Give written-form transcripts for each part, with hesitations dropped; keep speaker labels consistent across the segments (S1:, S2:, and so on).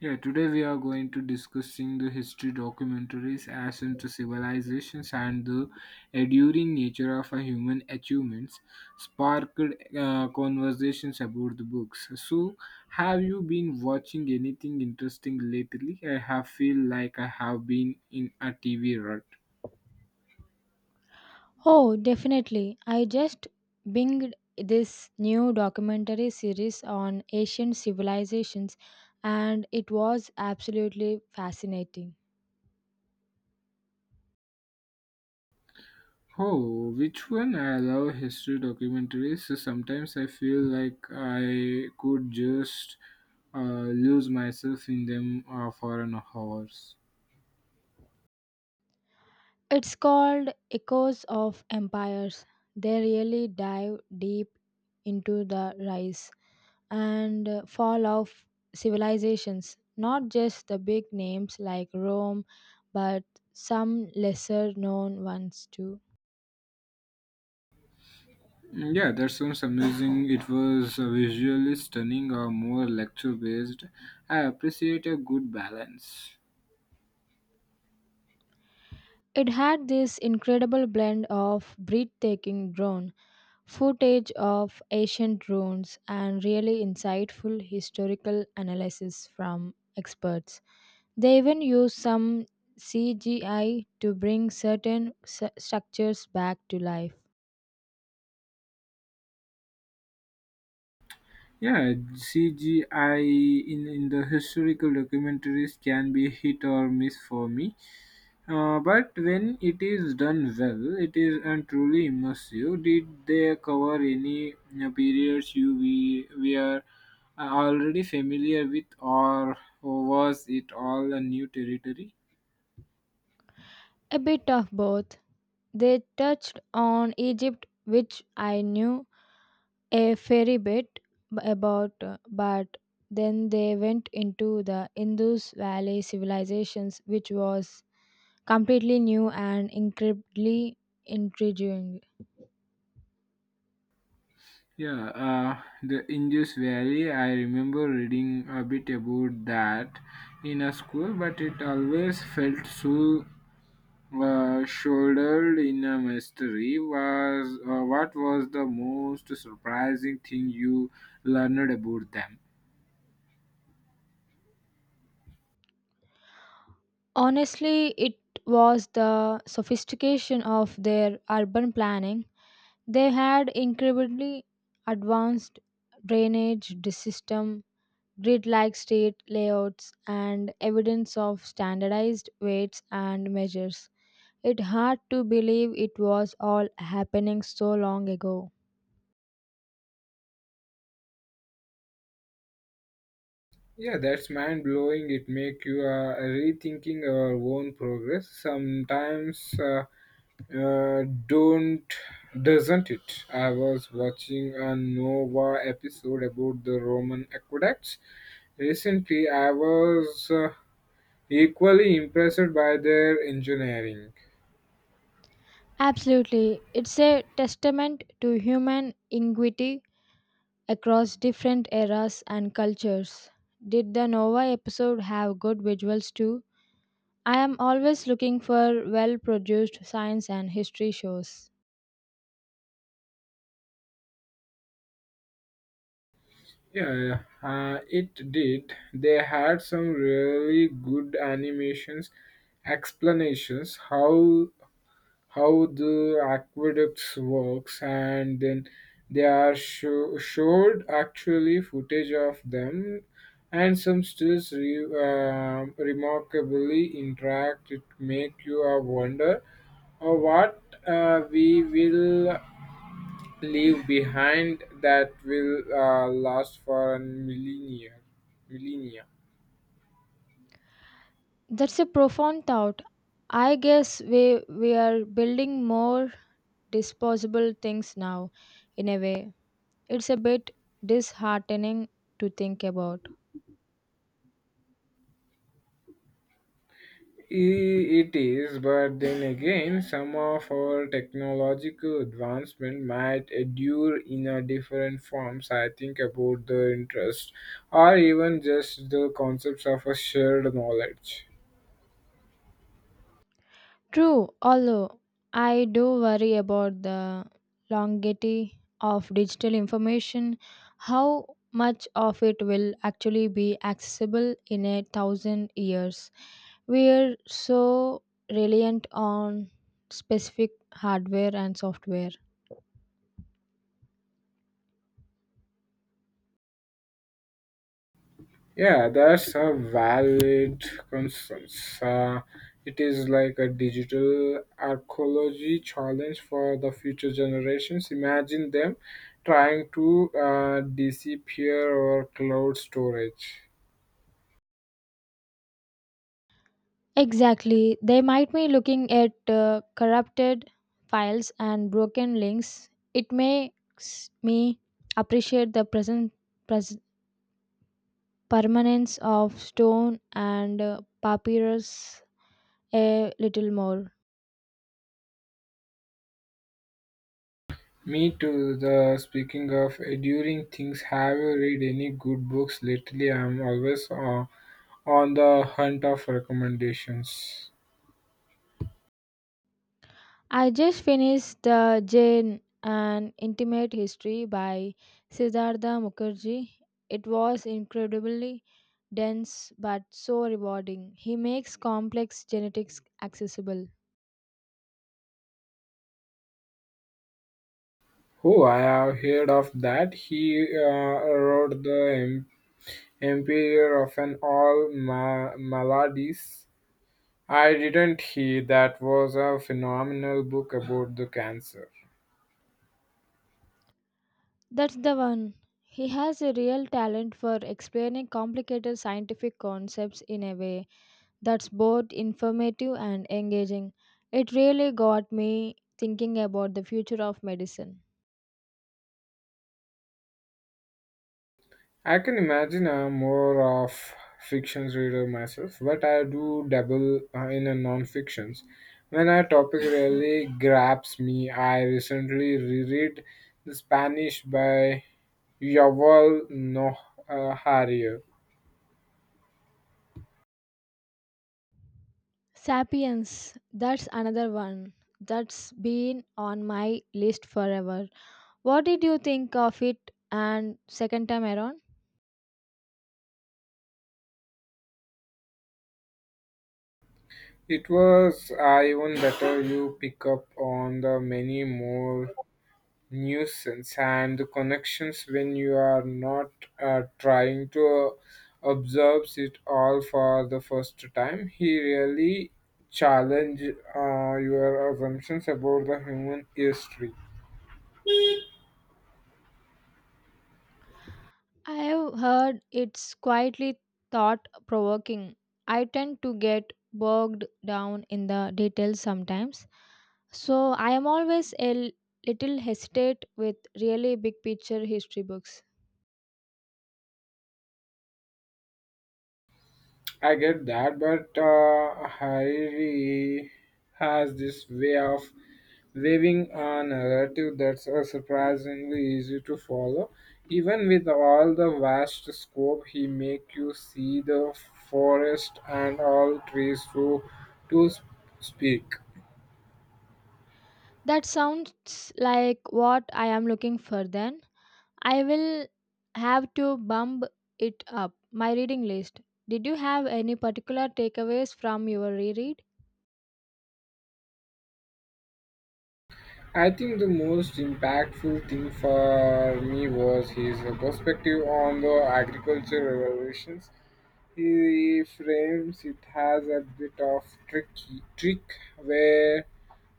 S1: Yeah, today we are going to discussing the history documentaries as into civilizations and the enduring nature of a human achievements sparked conversations about the books. So, have you been watching anything interesting lately? I have feel like I have been in a TV rut.
S2: Oh, definitely. I just binged this new documentary series on ancient civilizations and it was absolutely fascinating.
S1: Oh, which one? I love history documentaries. So sometimes I feel like I could just lose myself in them for an hours.
S2: It's called Echoes of Empires. They really dive deep into the rise and fall of civilizations, not just the big names like Rome, but some lesser known ones too.
S1: Yeah, that sounds amazing. It was visually stunning or more lecture based. I appreciate a good balance.
S2: It had this incredible blend of breathtaking drone footage of ancient ruins and really insightful historical analysis from experts. They even use some CGI to bring certain structures back to life.
S1: Yeah, CGI in the historical documentaries can be hit or miss for me. But when it is done well, it is and truly immersive. Did they cover any periods you we are already familiar with, or was it all a new territory?
S2: A bit of both. They touched on Egypt, which I knew a fair bit about, but then they went into the Indus Valley civilizations, which was completely new and incredibly intriguing.
S1: Yeah, the Indus Valley. I remember reading a bit about that in a school, but it always felt so shouldered in a mystery was what was the most surprising thing you learned about them.
S2: Honestly, it was the sophistication of their urban planning. They had incredibly advanced drainage system, grid-like state layouts, and evidence of standardized weights and measures. It hard to believe it was all happening so long ago.
S1: Yeah, that's mind blowing. It make you rethinking our own progress sometimes don't doesn't it. I was watching a Nova episode about the Roman aqueducts recently. I was equally impressed by their engineering.
S2: Absolutely. It's a testament to human ingenuity across different eras and cultures. Did the Nova episode have good visuals too? I am always looking for well produced science and history shows.
S1: Yeah, yeah, yeah. It did. They had some really good animations, explanations how the aqueducts works, and then they showed actually footage of them, and some stills remarkably interact. It make you wonder what we will leave behind that will last for a millennia.
S2: That's a profound thought. I guess we are building more disposable things now in a way. It's a bit disheartening to think about.
S1: I- It is, but then again, some of our technological advancement might endure in a different forms. I think about the interest, or even just the concepts of a shared knowledge.
S2: True, although I do worry about the longevity of digital information, how much of it will actually be accessible in a thousand years. We are so reliant on specific hardware and software.
S1: Yeah, that's a valid concern. Uh, it is like a digital archaeology challenge for the future generations. Imagine them trying to disappear or cloud storage.
S2: Exactly. They might be looking at corrupted files and broken links. It makes me appreciate the pres- permanence of stone and papyrus a little more.
S1: Me too. The speaking of enduring things, have you read any good books lately? I'm always on the hunt of recommendations.
S2: I just finished the Jane An Intimate History by Siddhartha Mukherjee. It was incredibly dense but so rewarding. He makes complex genetics accessible.
S1: Who I have heard of that. He wrote the Empire of an all maladies. I didn't hear that was a phenomenal book about the cancer.
S2: That's the one. He has a real talent for explaining complicated scientific concepts in a way that's both informative and engaging. It really got me thinking about the future of medicine.
S1: I can imagine. I'm more of fiction reader myself, but I do dabble in a non-fictions. When a topic really grabs me, I recently reread The Spanish by Yuval Noah Harari.
S2: Sapiens, that's another one that's been on my list forever. What did you think of it and second time around?
S1: It was even better. You pick up on the many more nuisance and the connections when you are not trying to observe it all for the first time. He really challenge your assumptions about the human history.
S2: I have heard it's quietly thought provoking. I tend to get bogged down in the details sometimes, so I am always little hesitate with really big picture history books.
S1: I get that, but Harry has this way of weaving a narrative that's surprisingly easy to follow. Even with all the vast scope, he make you see the forest and all trees to speak.
S2: That sounds like what I am looking for then. I will have to bump it up my reading list. Did you have any particular takeaways from your reread?
S1: I think the most impactful thing for me was his perspective on the agriculture revolutions. He frames it as a bit of tricky trick where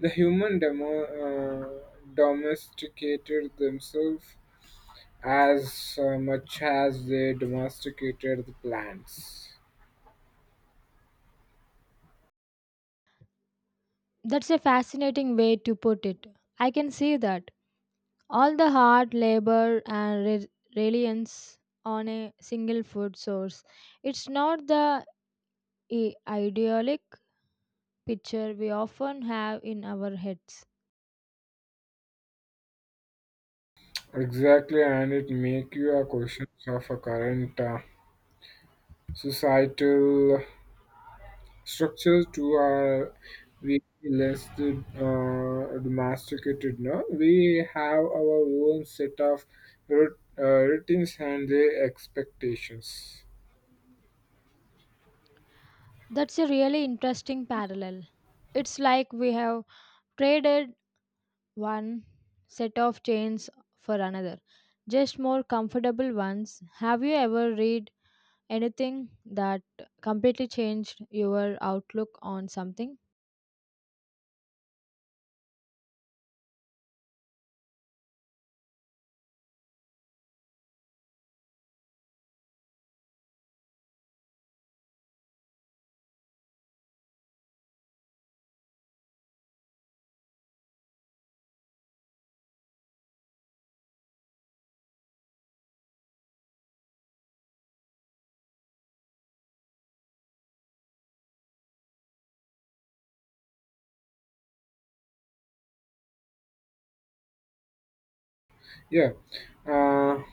S1: the human domesticated themselves as much as they domesticated the plants.
S2: That's a fascinating way to put it. I can see that. All the hard labor and reliance on a single food source. It's not the idyllic picture we often have in our heads.
S1: Exactly, and it make you a question of a current societal structures to our we less the, domesticated. No, we have our own set of routines and the expectations.
S2: That's a really interesting parallel. It's like we have traded one set of chains for another, just more comfortable ones. Have you ever read anything that completely changed your outlook on something?
S1: Yeah, uh,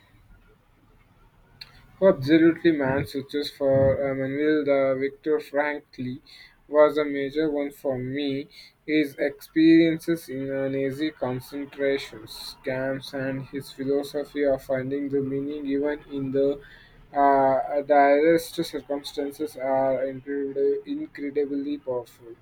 S1: absolutely, man. Searches for Manuel the Victor Frankly was a major one for me. His experiences in Nazi concentration camps and his philosophy of finding the meaning even in the direst circumstances are incredibly powerful.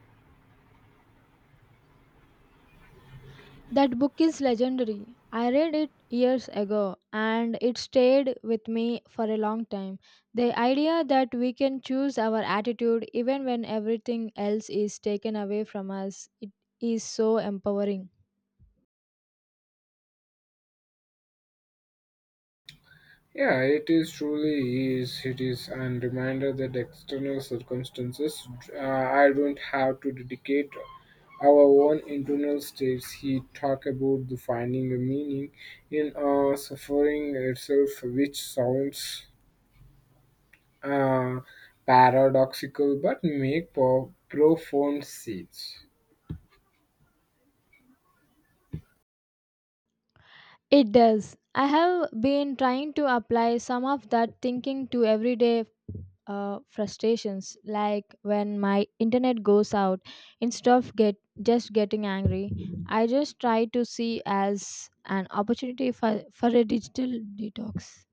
S2: That book is legendary. I read it years ago and it stayed with me for a long time. The idea that we can choose our attitude even when everything else is taken away from us it is so empowering.
S1: Yeah, it is truly is. It is, and reminder that external circumstances, I don't have to dedicate our own internal states. He talk about the finding a meaning in suffering itself, which sounds uh, paradoxical but make profound sense.
S2: It does. I have been trying to apply some of that thinking to everyday frustrations, like when my internet goes out. Instead of getting angry, I just try to see as an opportunity for a digital detox.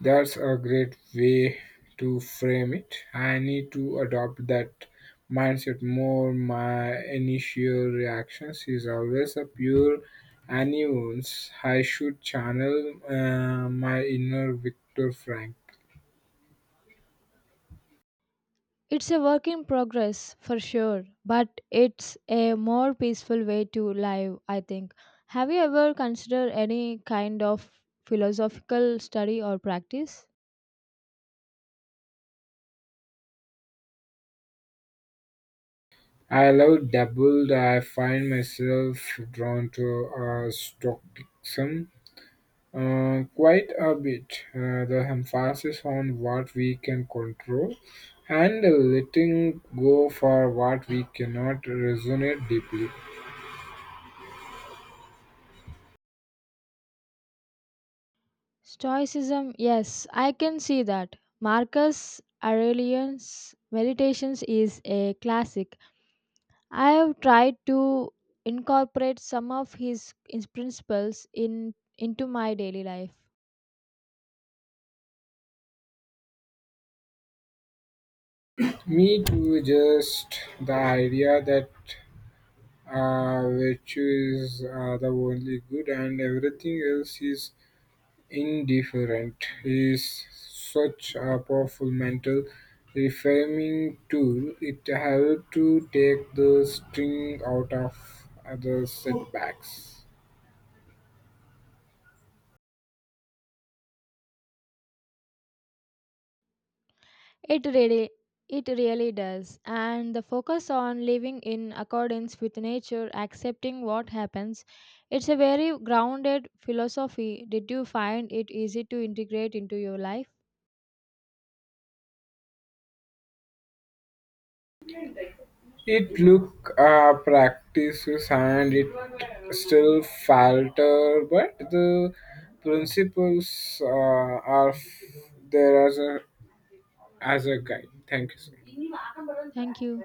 S1: That's a great way to frame it. I need to adopt that mindset more. My initial reactions is always a pure annoyance. I should channel my inner Victor Frank.
S2: It's a work in progress for sure, but it's a more peaceful way to live, I think. Have you ever considered any kind of philosophical study or practice?
S1: I love doubled. I find myself drawn to stoicism. Quite a bit. The emphasis on what we can control and letting go for what we cannot resonate deeply.
S2: Stoicism, yes, I can see that. Marcus Aurelius' Meditations is a classic. I have tried to incorporate some of his principles in into my daily life.
S1: Me too, just the idea that virtue is the only good and everything else is indifferent is such a powerful mental reframing tool. It helps to take the sting out of other setbacks.
S2: It really it really does. And the focus on living in accordance with nature, accepting what happens, it's a very grounded philosophy. Did you find it easy to integrate into your life?
S1: It look practices and it still falter, but the principles are there as a guide. Thank you so much.
S2: Thank you.